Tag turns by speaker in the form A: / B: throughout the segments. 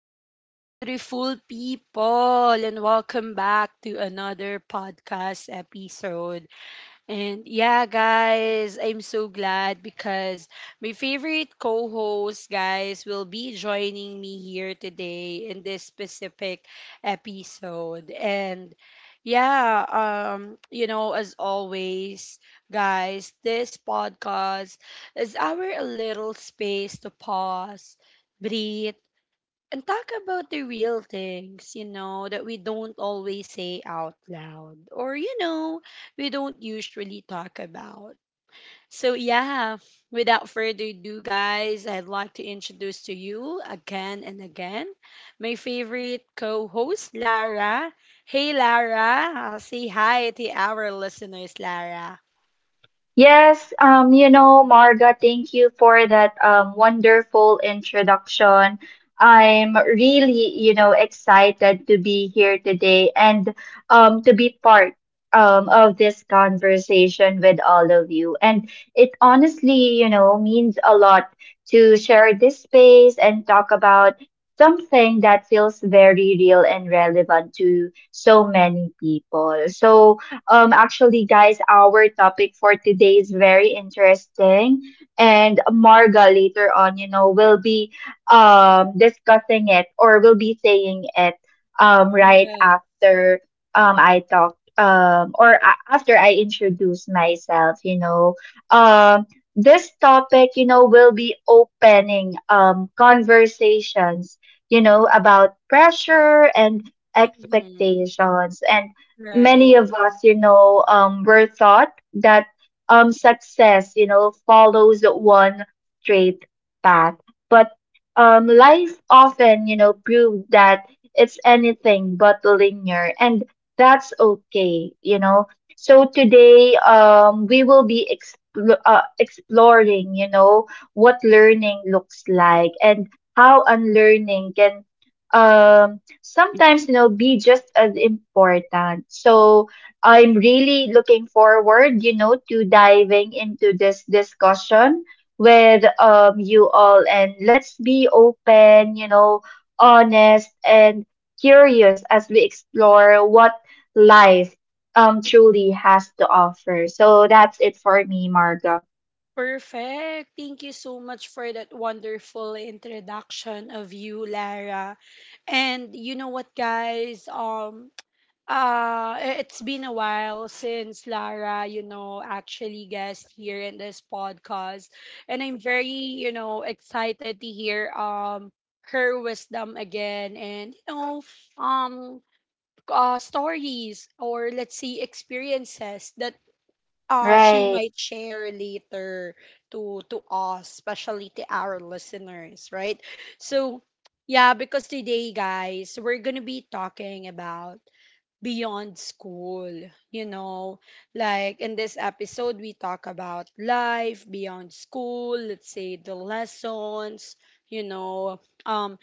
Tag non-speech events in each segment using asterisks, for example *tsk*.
A: Hello, beautiful people, and welcome back to another podcast episode. And yeah, guys, I'm so glad because my favorite co host, guys, will be joining me here today in this specific episode. And yeah, you know, as always, guys, this podcast is our little space to pause, breathe, and talk about the real things that we don't always say out loud or we don't usually talk about. So, yeah, without further ado, guys, I'd like to introduce to you again and again my favorite co host, Lara. Hey, Lara, say hi to our listeners, Lara.
B: Yes, Marga, thank you for that wonderful introduction. I'm really, you know, excited to be here today and to be part of this conversation with all of you. And it honestly, you know, means a lot to share this space and talk about something that feels very real and relevant to so many people. So, actually, guys, our topic for today is very interesting, and Marga later on, you know, will be discussing it or will be saying it right
A: Yeah.
B: after I talk or after I introduce myself. Um, this topic, you know, will be opening conversations, you know, about pressure and
A: Hmm.
B: expectations. And many
A: Right.
B: of us, you know, were taught that success, you know, follows one straight path. But life often, you know, proved that it's anything but linear, and that's okay. So today, we will be exploring, you know, what learning looks like and how unlearning can um sometimes, you know, be just as important. So I'm really looking forward, you know, to diving into this discussion with you all. And let's be open, you know, honest and curious as we explore what life truly has to offer. So that's it for me, Marga.
A: Perfect. Thank you so much for that wonderful introduction of you, Lara. And you know what, guys? It's been a while since Lara, you know, actually guest here in this podcast, and I'm very, you know, excited to hear her wisdom again, and um. Stories or let's say experiences that she
B: Right.
A: might share later to us, especially to our listeners, right? So yeah, because today guys we're gonna be talking about beyond school, you know, like in this episode we talk about life beyond school, let's say the lessons, you know, um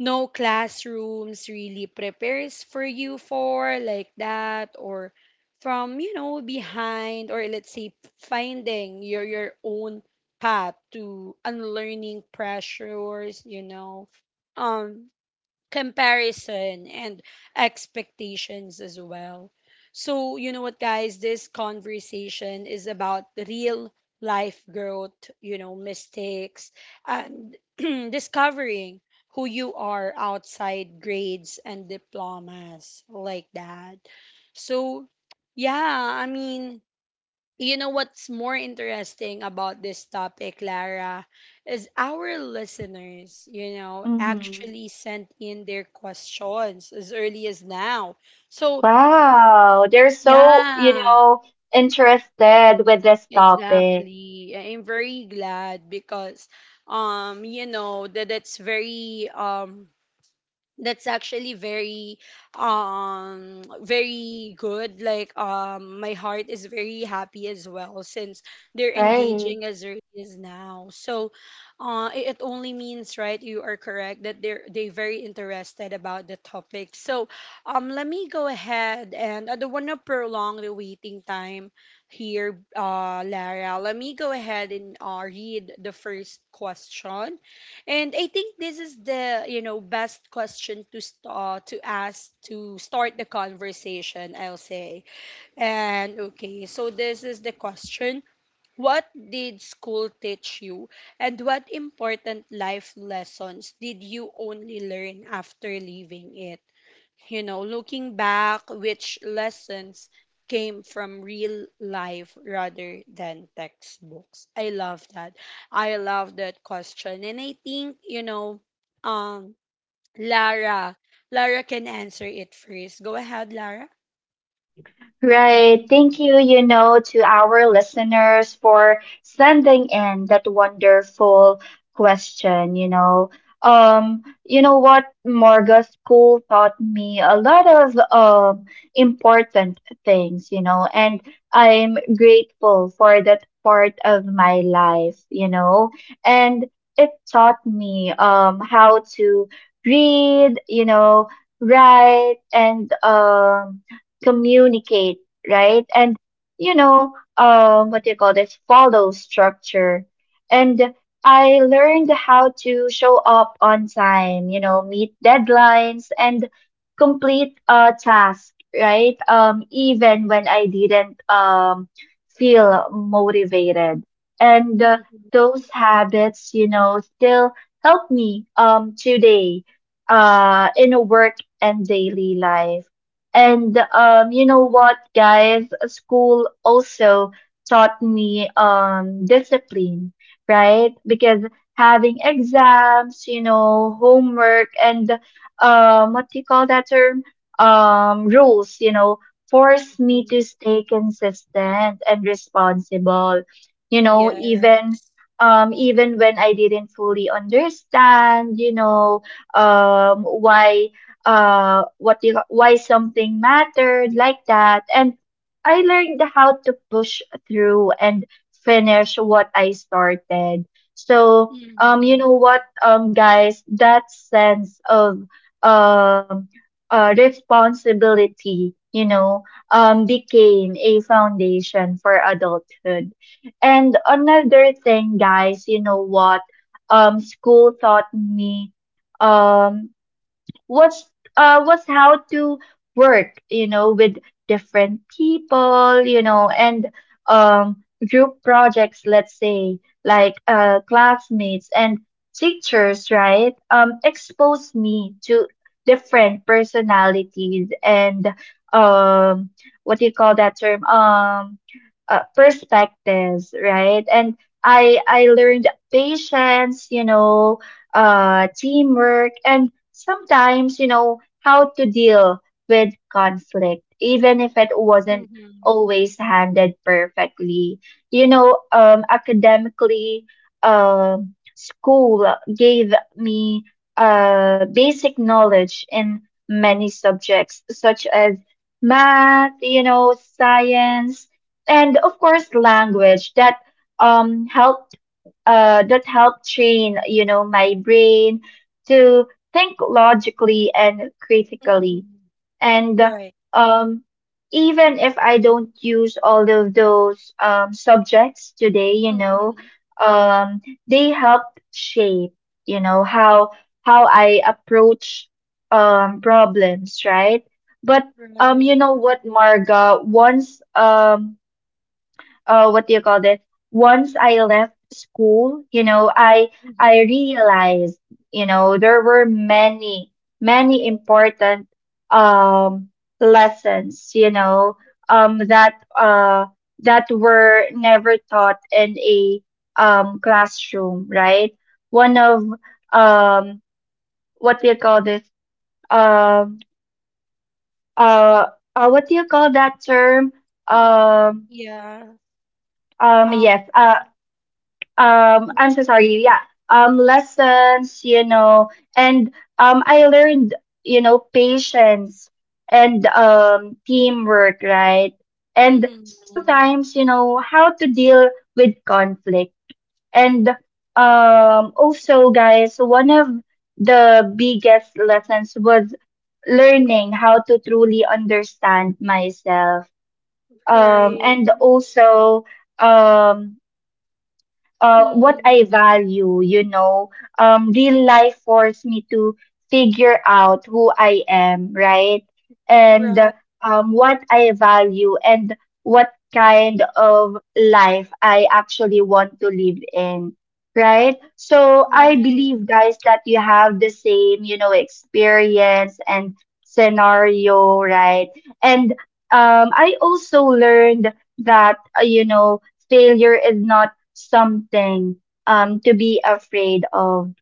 A: no classrooms really prepares for you for like that, or from you know behind, or let's say finding your own path to unlearning pressures, um comparison and expectations as well. So, you know what, guys, this conversation is about real life growth, you know, mistakes, and *clears throat* discovering who you are outside grades and diplomas like that. So, yeah, I mean, you know what's more interesting about this topic, Lara, is our listeners, you know,
B: Mm-hmm.
A: actually sent in their questions as early as now. So,
B: Wow, they're so, you
A: yeah,
B: know, interested with this topic,
A: exactly. I'm very glad because you know, that it's very that's actually very good, like my heart is very happy as well since they're
B: right?
A: engaging as early as now. So it only means, right, you are correct that they're they very interested about the topic. So let me go ahead, and I don't want to prolong the waiting time here. Uh, Lara, let me go ahead and read the first question, and I think this is the, you know, best question to to ask to start the conversation, I'll say. And okay, so this is the question: What did school teach you, and what important life lessons did you only learn after leaving it? You know, looking back, which lessons came from real life rather than textbooks. I love that. I love that question. And I think, you know, um, Lara, Lara can answer it first. Go ahead, Lara.
B: Right. Thank you, you know, to our listeners for sending in that wonderful question. You know what, Morga, school taught me a lot of important things, you know, and I'm grateful for that part of my life. And it taught me how to read, you know, write and communicate, right? And you know, what do you call this? Follow structure. And I learned how to show up on time, you know, meet deadlines and complete a task, right? Even when I didn't feel motivated. And
A: Mhm.
B: those habits, you know, still help me today in a work and daily life. And you know what, guys? School also taught me discipline, right? Because having exams, you know, homework, and what do you call that term? Rules, you know, forced me
A: Mhm.
B: to stay consistent and responsible. You know, even
A: Yes.
B: even when I didn't fully understand, you know, why what do you, why something mattered like that. And I learned how to push through and finish what I started. So, you
A: Mm-hmm.
B: know what, guys, that sense of um, responsibility, you know, became a foundation for adulthood. And another thing, guys, you know what? School taught me um what's what's how to work, you know, with different people, you know, and um group projects, let's say, like classmates and teachers, right? Expose me to different personalities and um, what do you call that term perspectives, right? And I learned patience, you know, teamwork, and sometimes, you know, how to deal with conflict, even if it wasn't
A: Mm-hmm.
B: always handled perfectly. You know, academically, school gave me basic knowledge in many subjects, such as math, you know, science, and of course, language that helped that help train, you know, my brain to think logically and critically.
A: Mm-hmm.
B: And
A: Right.
B: um, even if I don't use all of those subjects today, you know,
A: Mm-hmm.
B: um, they helped shape, you know, how I approach problems, right? But you
A: Right.
B: know what, Marga, once what do you call this once I left school, you know, I
A: Mm-hmm.
B: realized, you know, there were many important um lessons, you know, um that uh that were never taught in a classroom, right? One of um, what do you call this um uh, what do you call that term um
A: Yeah. Um,
B: yes. I'm so sorry. Yeah, lessons, you know, and I learned, you know, patience and teamwork, right? And
A: mm-hmm.
B: sometimes, you know, how to deal with conflict. And also, guys, one of the biggest lessons was learning how to truly understand myself,
A: Right.
B: and also um what
A: Mm-hmm.
B: I value, you know. Real life forced me to figure out who I am, right? And
A: Right,
B: what I value and what kind of life I actually want to live in, right? So I
A: right,
B: believe, guys, that you have the same, you know, experience and scenario, right? And I also learned that, you know, failure is not something to be afraid of,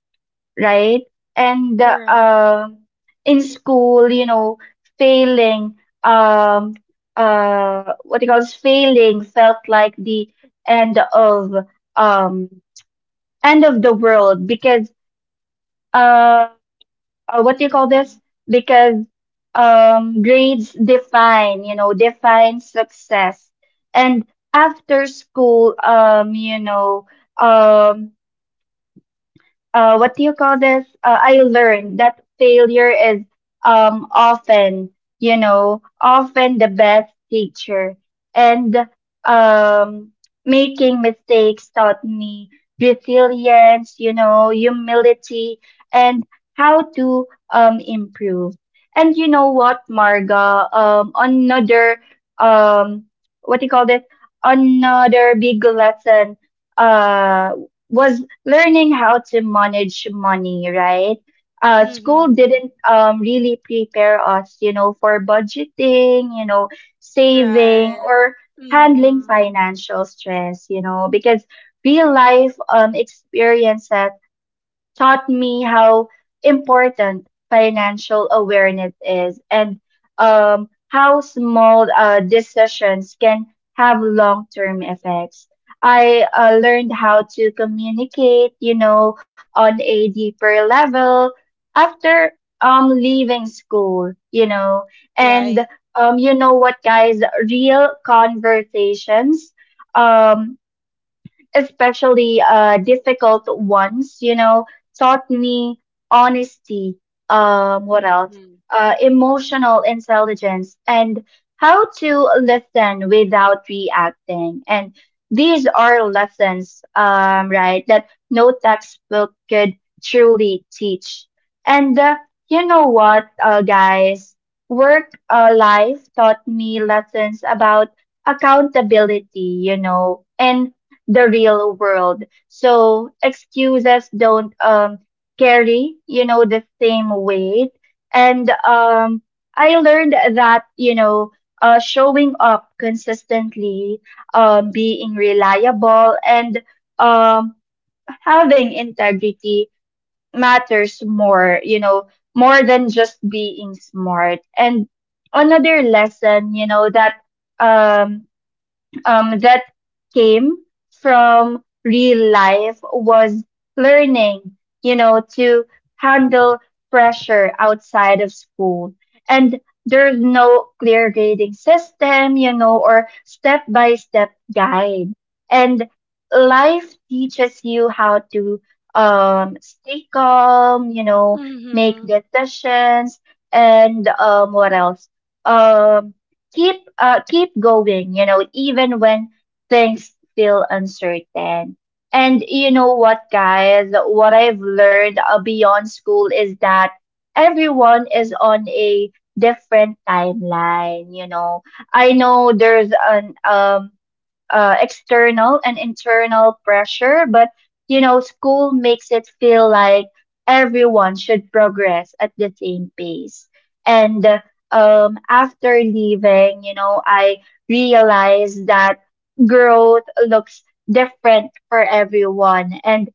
B: right? And
A: right.
B: in school, you know, failing um what do you call this? Failing felt like the end of um end of the world because uh what do you call
A: Mm-hmm.
B: this? Because grades define, you know, define success. And after school, you know, um what do you call this? I
A: Mm-hmm.
B: learned that failure is often, you know, often the best teacher. And um, making mistakes taught me resilience, you know, humility, and how to improve. And you know what, Marga? Another, um, what do you call this? Another big lesson uh, was learning how to manage money, right? School
A: Mm-hmm.
B: didn't really prepare us, you know, for budgeting, you know,
A: Right.
B: saving or
A: Mm-hmm.
B: handling financial stress, you know, because real life experiences taught me how important financial awareness is and how small decisions can have long term effects. I learned how to communicate, you know, on a deeper level after leaving school, you know,
A: Right.
B: and you know what, guys, real conversations. Um, Especially difficult ones, you know, taught me honesty, what else?
A: Mm-hmm.
B: Emotional intelligence and how to listen without reacting. And these are lessons, right, that no textbook could truly teach. And you know what, guys? Work life taught me lessons about accountability, you know, and the real world. So excuses don't carry, you know, the same weight. And I learned that, you know, showing up consistently, being reliable and um having integrity matters more, you know, more than just being smart. And another lesson, you know, that um that came from real life was learning, you know, to handle pressure outside of school. And there's no clear grading system, you know, or step by step guide. And life teaches you how to stay calm, you know, make
A: Mm-hmm.
B: decisions, and what else? Um, Keep keep going, you know, even when things feel uncertain. And you know what, guys, what I've learned, beyond school is that everyone is on a different timeline, you know. I know there's an external and internal pressure, but you know, school makes it feel like everyone should progress at the same pace. And after leaving, you know, I realized that growth looks different for everyone, and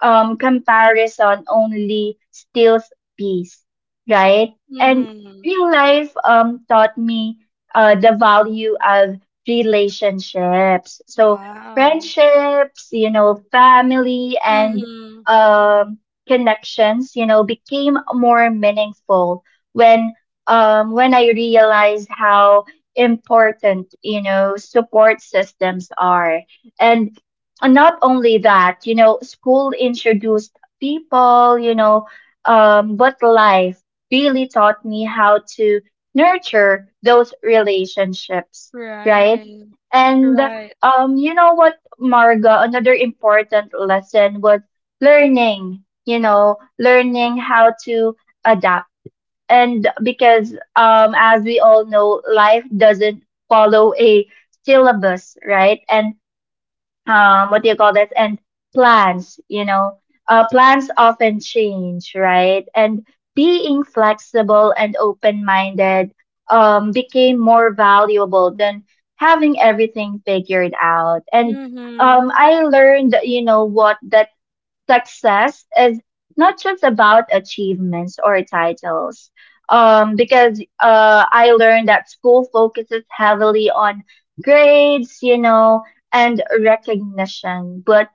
B: comparison only steals peace, right? And
A: Mm-hmm.
B: real life taught me the value of relationships. So
A: Wow.
B: friendships, you know, family and
A: Mm-hmm.
B: um, connections, you know, became more meaningful when when I realized how important, you know, support systems are. And not only that, you know, school introduced people, you know, but life really taught me how to nurture those relationships, right?
A: Right.
B: And
A: Right.
B: you know what, Marga, another important lesson was learning, you know, learning how to adapt. And because as we all know, life doesn't follow a syllabus, right? And what do you call this? And plans, you know, plans often change, right? And being flexible and open-minded became more valuable than having everything figured out. And
A: Mm-hmm.
B: I learned, you know, what that success is not just about achievements or titles. Because I learned that school focuses heavily on grades, you know, and recognition. But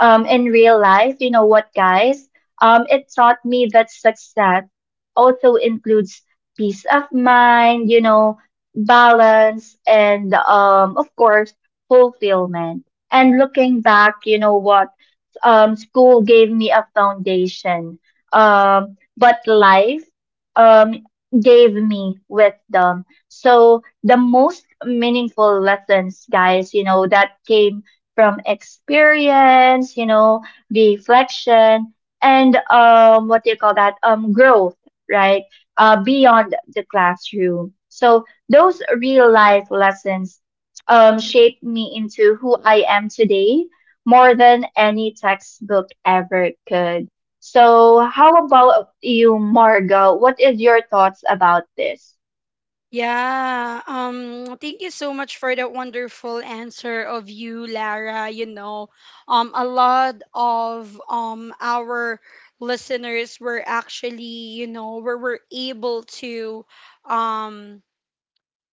B: in real life, you know what, guys? It taught me that success also includes peace of mind, you know, balance, and of course, fulfillment. And looking back, you know what? School gave me a foundation, but life um, gave me wisdom. So the most meaningful lessons, guys, you know, that came from experience, you know, reflection, and what do you call that? Growth, right? Beyond the classroom. So those real life lessons shaped me into who I am today more than any textbook ever could. So, how about you, Margo? What is your thoughts about this?
A: Yeah, thank you so much for that wonderful answer of you, Lara. You know, a lot of our listeners were actually, you know, were able to, um,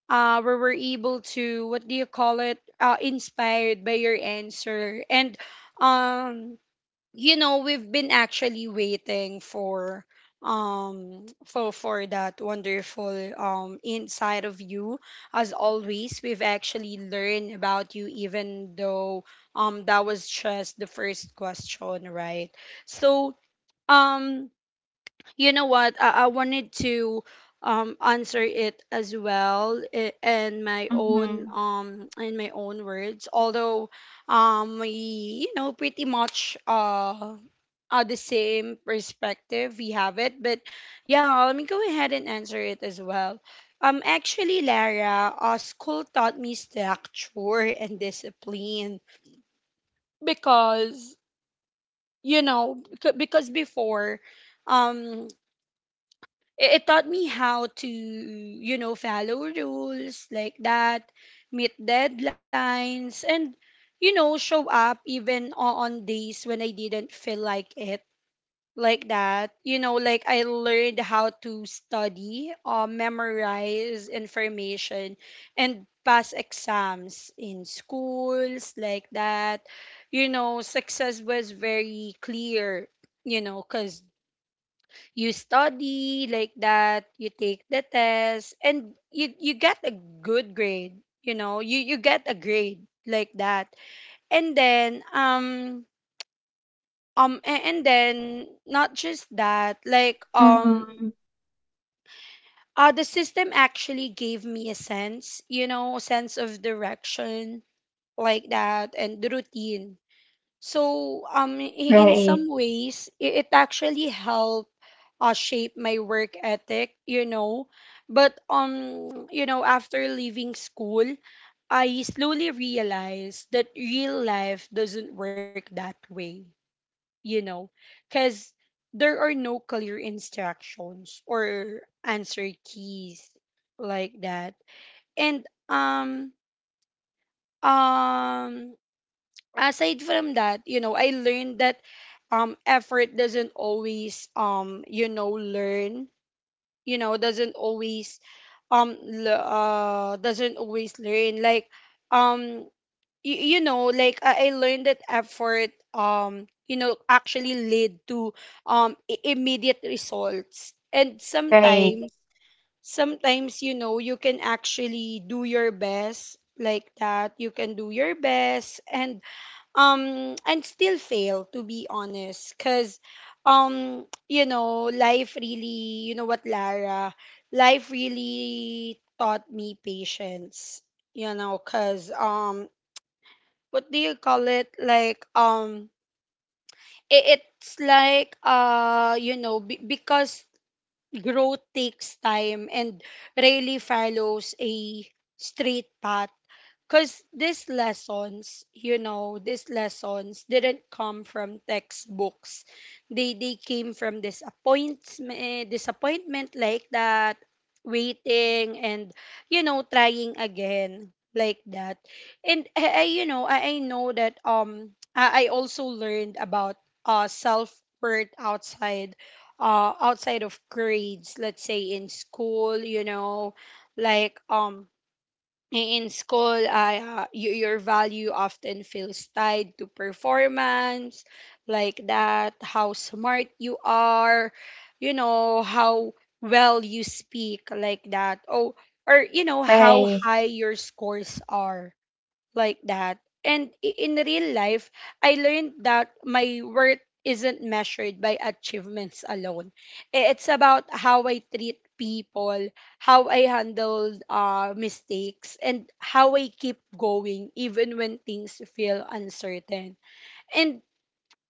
A: were able to, what do you call it, uh, inspired by your answer, and um, you know, we've been actually waiting for for that wonderful inside of you. As always, we've actually learned about you, even though that was just the first question, right? So um you know what? I wanted to answer it as well
B: Mm-hmm.
A: in my own words. Although we, you know, pretty much are the same perspective we have it, but yeah, let me go ahead and answer it as well. Actually, Lara, school taught me structure and discipline because, you know, because before um it taught me how to, you know, follow rules like that, meet deadlines, and you know show up even on days when I didn't feel like it, like that. You know, like I learned how to study, memorize information and pass exams in schools like that. You know, success was very clear, you know, because you study like that, you take the test, and you get a good grade. You know, you get a grade like that. And then and then not just that, like
B: Mm-hmm.
A: the system actually gave me a sense, you know, sense of direction like that, and the routine. So in some
B: Right.
A: ways it actually helped shape my work ethic, you know. But you know, after leaving school, I slowly realized that real life doesn't work that way, you know, because there are no clear instructions or answer keys like that. And um aside from that, you know, I learned that effort doesn't always you know learn, you know, doesn't always l- doesn't always learn, like um you know, like I learned that effort, you know, actually lead to immediate results, and
B: Right.
A: sometimes, sometimes, you know, you can actually do your best like that, you can do your best, and still fail, to be honest, because you know, life really, you know what, Lara, life really taught me patience, you know, because what do you call it like I- it's like, you know, because growth takes time and rarely follows a straight path, because these lessons, you know, these lessons didn't come from textbooks. They came from disappointment, disappointment like that, waiting and you know trying again like that. And I you know I know that I also learned about self worth outside outside of grades. Let's say in school, you know, like in school, your value often feels tied to performance, like that, how smart you are, you know, how well you speak, like that, oh, or you know how
B: Right.
A: high your scores are like that. And in real life, I learned that my worth isn't measured by achievements alone. I- It's about how I treat people, how I handle mistakes, and how I keep going even when things feel uncertain. And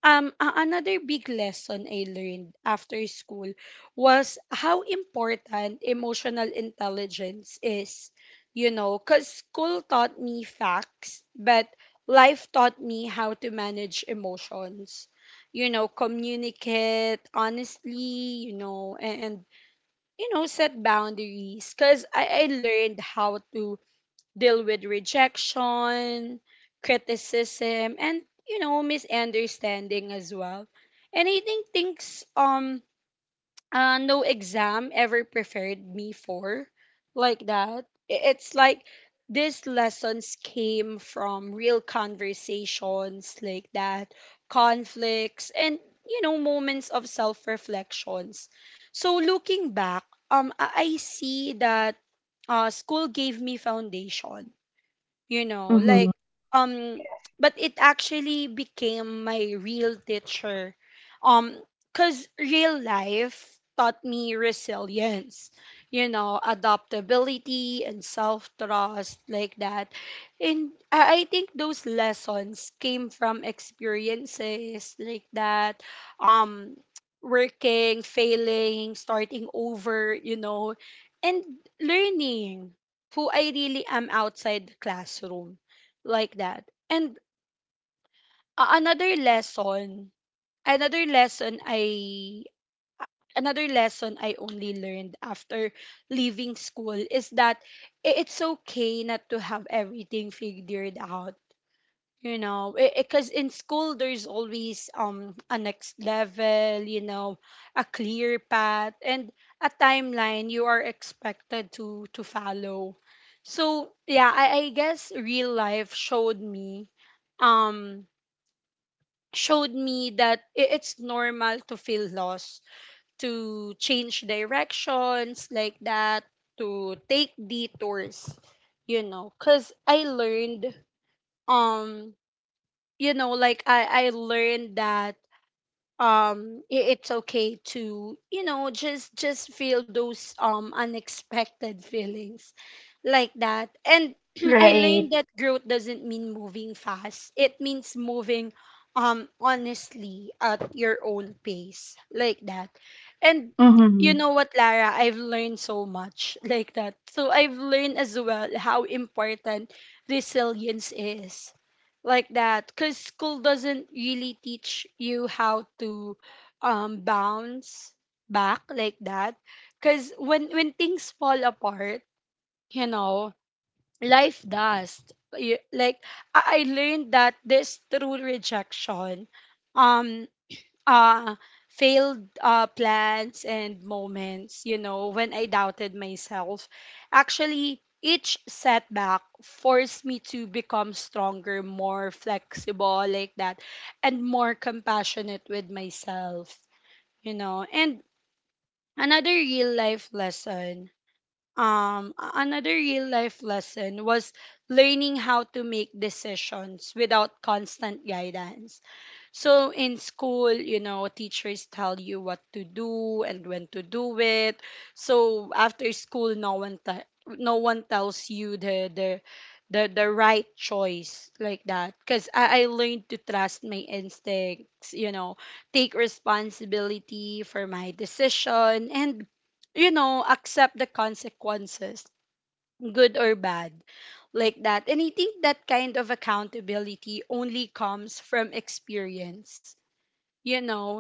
A: another big lesson I learned after school was how important emotional intelligence is. You know, because school taught me facts, but life taught me how to manage emotions. You know, communicate honestly, you know, and you know, set boundaries. Because I learned how to deal with rejection, criticism, and you know misunderstanding as well. And I think things, no exam ever prepared me for, like that. I- It's like these lessons came from real conversations like that, conflicts, and you know moments of self reflections. So looking back, I see that school gave me foundation, you know, like
B: Mm-hmm.
A: um
B: Yes.
A: but it actually became my real teacher, um cuz real life taught me resilience, you know, adaptability and self trust like that, and I think those lessons came from experiences like that, um working, failing, starting over, you know, and learning who I really am outside the classroom like that. And a- another lesson, another lesson I another lesson I only learned after leaving school is that I- it's okay not to have everything figured out, you know, because in school there's always a next level, you know, a clear path and a timeline you are expected to follow. So yeah, I guess real life showed me, um showed me that I- it's normal to feel lost, to change directions like that, to take detours, you know, because I learned um you know, like I learned that I- it's okay to, you know, just feel those unexpected feelings like that. And *clears throat* I
B: Right.
A: learned that growth doesn't mean moving fast. It means moving honestly at your own pace like that. And
B: Mm-hmm.
A: you know what, Lara, I've learned so much *laughs* like that. So I've learned as well how important resilience is like that, cuz school doesn't really teach you how to bounce back like that, cuz when things fall apart, you know, life does. You- like I learned that this through rejection, um uh failed plans and moments, you know, when I doubted myself. Actually, each setback forced me to become stronger, more flexible like that, and more compassionate with myself, you know. And another real life lesson, was learning how to make decisions without constant guidance. So in school, you know, teachers tell you what to do and when to do it. So after school, no one tells you the the right choice like that. Cause I learned to trust my instincts, you know, take responsibility for my decision and, you know, accept the consequences, good or bad, like that. And I think that kind of accountability only comes from experience, you know.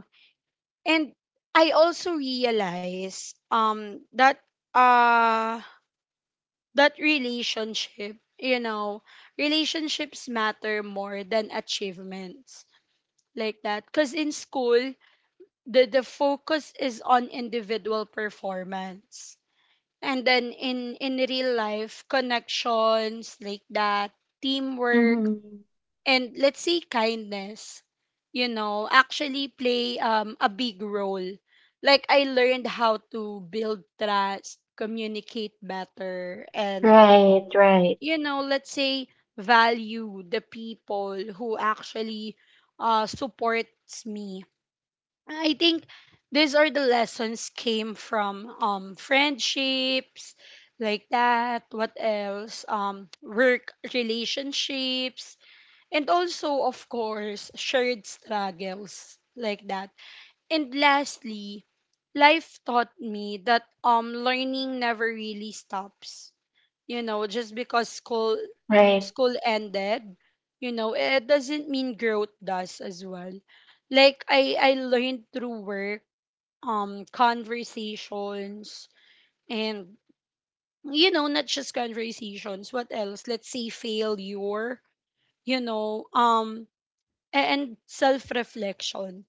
A: And I also realize that uh that relationship you know relationships matter more than achievements, like that, because in school the focus is on individual performance, and then in real life connections, like that, teamwork
B: Mm-hmm.
A: and, let's say, kindness, you know, actually play a big role. Like, I learned how to build trust, communicate better, and,
B: Right. Right.
A: you know, let's say value the people who actually supports me. I think these are the lessons came from friendships, like that, what else, work relationships, and also, of course, shared struggles, like that. And lastly, life taught me that learning never really stops. You know, just because school
B: Right.
A: school ended, you know, it doesn't mean growth does as well. Like, I learned through work, conversations, and, you know, not just conversations, what else? Let's say failure, you know, and self reflection,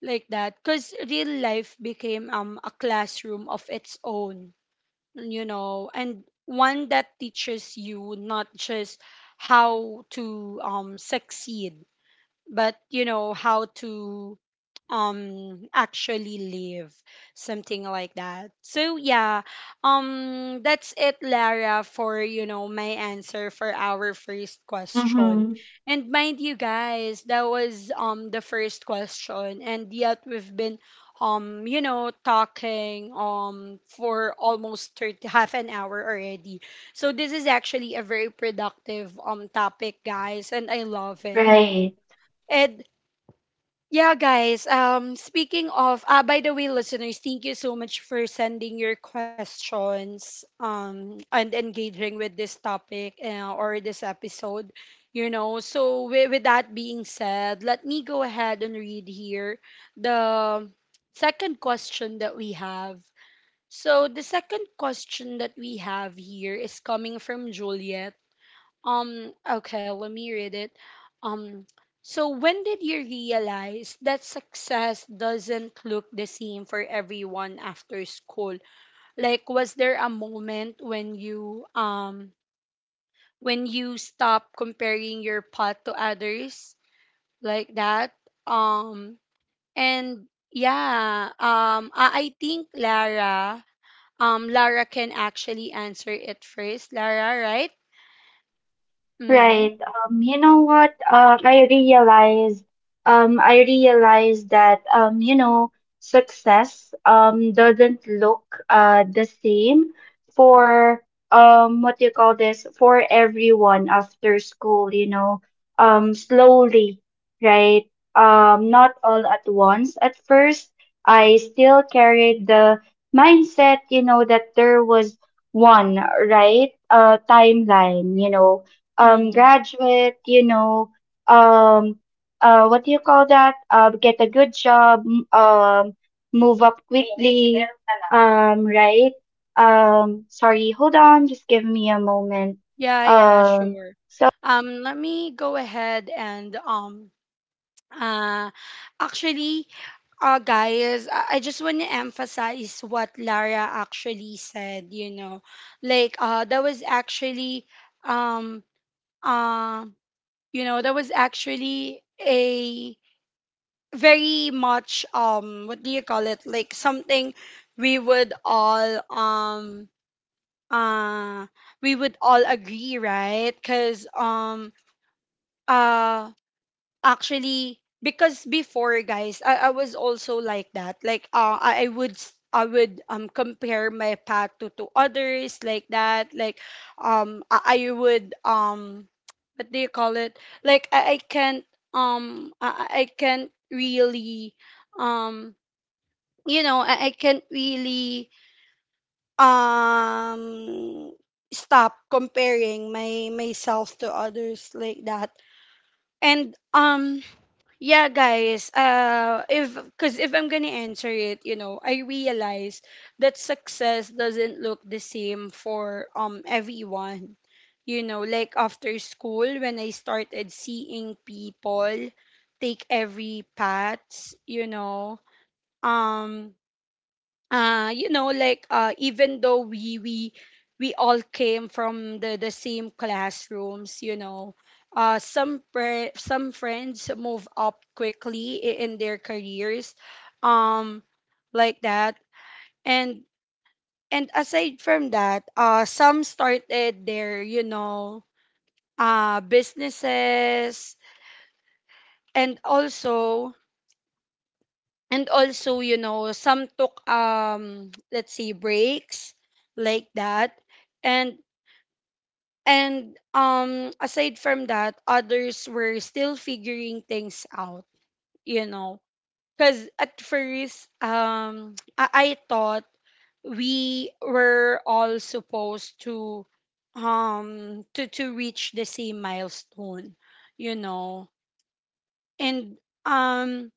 A: like that, because real life became a classroom of its own, you know, and one that teaches you not just how to succeed but, you know, how to actually live, something like that. So yeah, that's it, lara, for, you know, my answer for our first question.
B: Mm-hmm.
A: And mind you guys, that was the first question, and yet we've been you know talking for almost 30, half an hour already. So this is actually a very productive topic, guys, and I love it.
B: Right.
A: And yeah, guys. Speaking of, by the way, listeners, thank you so much for sending your questions and engaging with this topic, or this episode. You know, so with that being said, let me go ahead and read here the second question that we have. So the second question that we have here is coming from Juliet. Okay, let me read it. Um, so, when did you realize that success doesn't look the same for everyone after school? Like, was there a moment when you when you stop comparing your path to others, like that? Um, and yeah, I think Lara, Lara can actually answer it first. Lara, right? Mm-hmm.
B: Right. You know what? I realized that, you know, success, doesn't look, the same for, what do you call this? For everyone after school, you know, slowly, right? Not all at once. At first, I still carried the mindset, you know, that there was one, right? Timeline, you know,
A: Mm-hmm.
B: graduate, you know, um, what do you call that? Get a good job, move up quickly, right? Sorry, hold on, just give me a moment.
A: Yeah, yeah,
B: Um,
A: sure. Let me go ahead and uh actually, guys, I just want to emphasize what Lara actually said, you know. Like, that was actually um uh you know, that was actually a very much, what do you call it, like something we would all um uh we would all agree, right? Cuz uh actually, because before, guys, I was also like that. Like, I would compare my path to others, like that, like I would *tsk* what do you call it, like I can't I can't really um you know, I can't really um stop comparing my myself to others, like that. And yeah, guys. If, because if I'm gonna answer it, you know, I realize that success doesn't look the same for everyone. You know, like after school, when I started seeing people take every path, you know, um, you know, like, even though we all came from the same classrooms, you know, some friends move up quickly in their careers, um like that. and and aside from that, some started their, you know, businesses. And also, and also, you know, some took, let's say, breaks, like that. and and aside from that, others were still figuring things out, you know, because at first I thought we were all supposed to reach the same milestone, you know. And um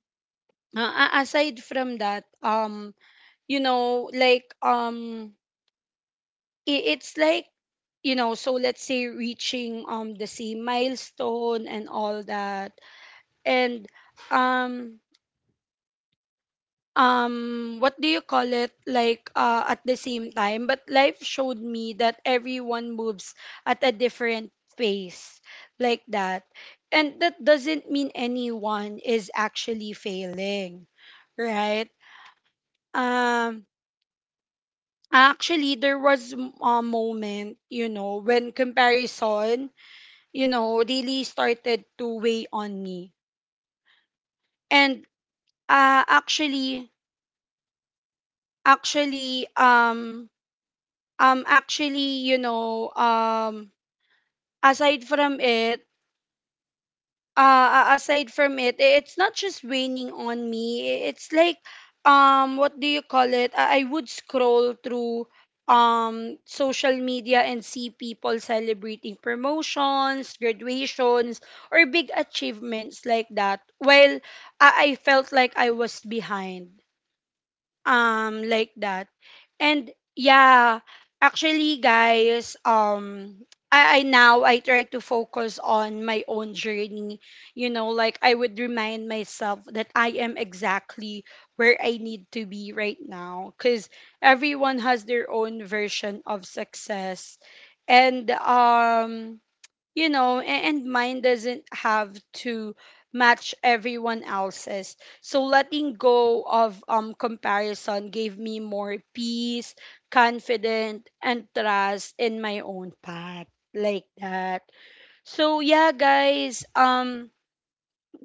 A: aside from that, you know, like, it's like, you know, so let's say reaching the same milestone and all that. And um what do you call it, like, at the same time, but life showed me that everyone moves at a different pace, like that, and that doesn't mean anyone is actually failing, right. um Actually, there was a moment, you know, when comparison, you know, really started to weigh on me. And, uh, actually, actually, actually, you know, aside from it, aside from it, it's not just weighing on me, it's like, what do you call it, I would scroll through social media and see people celebrating promotions, graduations, or big achievements, like that, while I felt like I was behind, like that. And yeah, actually, guys, I now I try to focus on my own journey. You know, like, I would remind myself that I am exactly where I need to be right now, because everyone has their own version of success. And you know, and mine doesn't have to match everyone else's. So letting go of comparison gave me more peace, confidence, and trust in my own path, like that. So yeah, guys,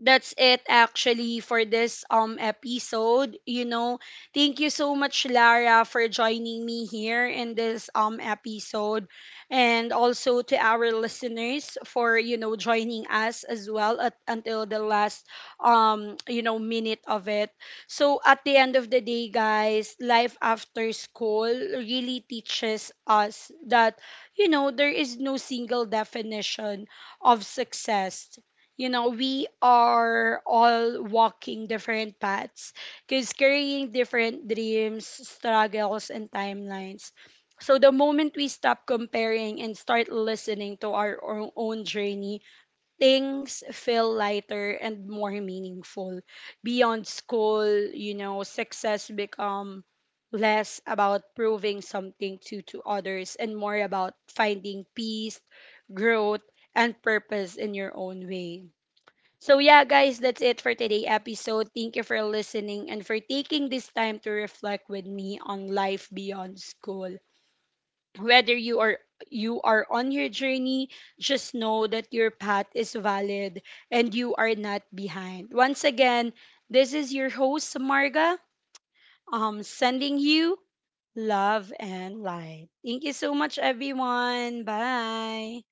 A: that's it actually for this episode. You know, thank you so much, Lara, for joining me here in this episode, and also to our listeners for, you know, joining us as well at until the last you know minute of it. So at the end of the day, guys, life after school really teaches us that, you know, there is no single definition of success. You know, we are all walking different paths because carrying different dreams, struggles, and timelines. So the moment we stop comparing and start listening to our own journey, things feel lighter and more meaningful. Beyond school, you know, success become less about proving something to others and more about finding peace, growth, and purpose in your own way. So, yeah, guys, that's it for today's episode. Thank you for listening and for taking this time to reflect with me on life beyond school. Whether you are on your journey, just know that your path is valid and you are not behind. Once again, this is your host, Marga, sending you love and light. Thank you so much, everyone. Bye.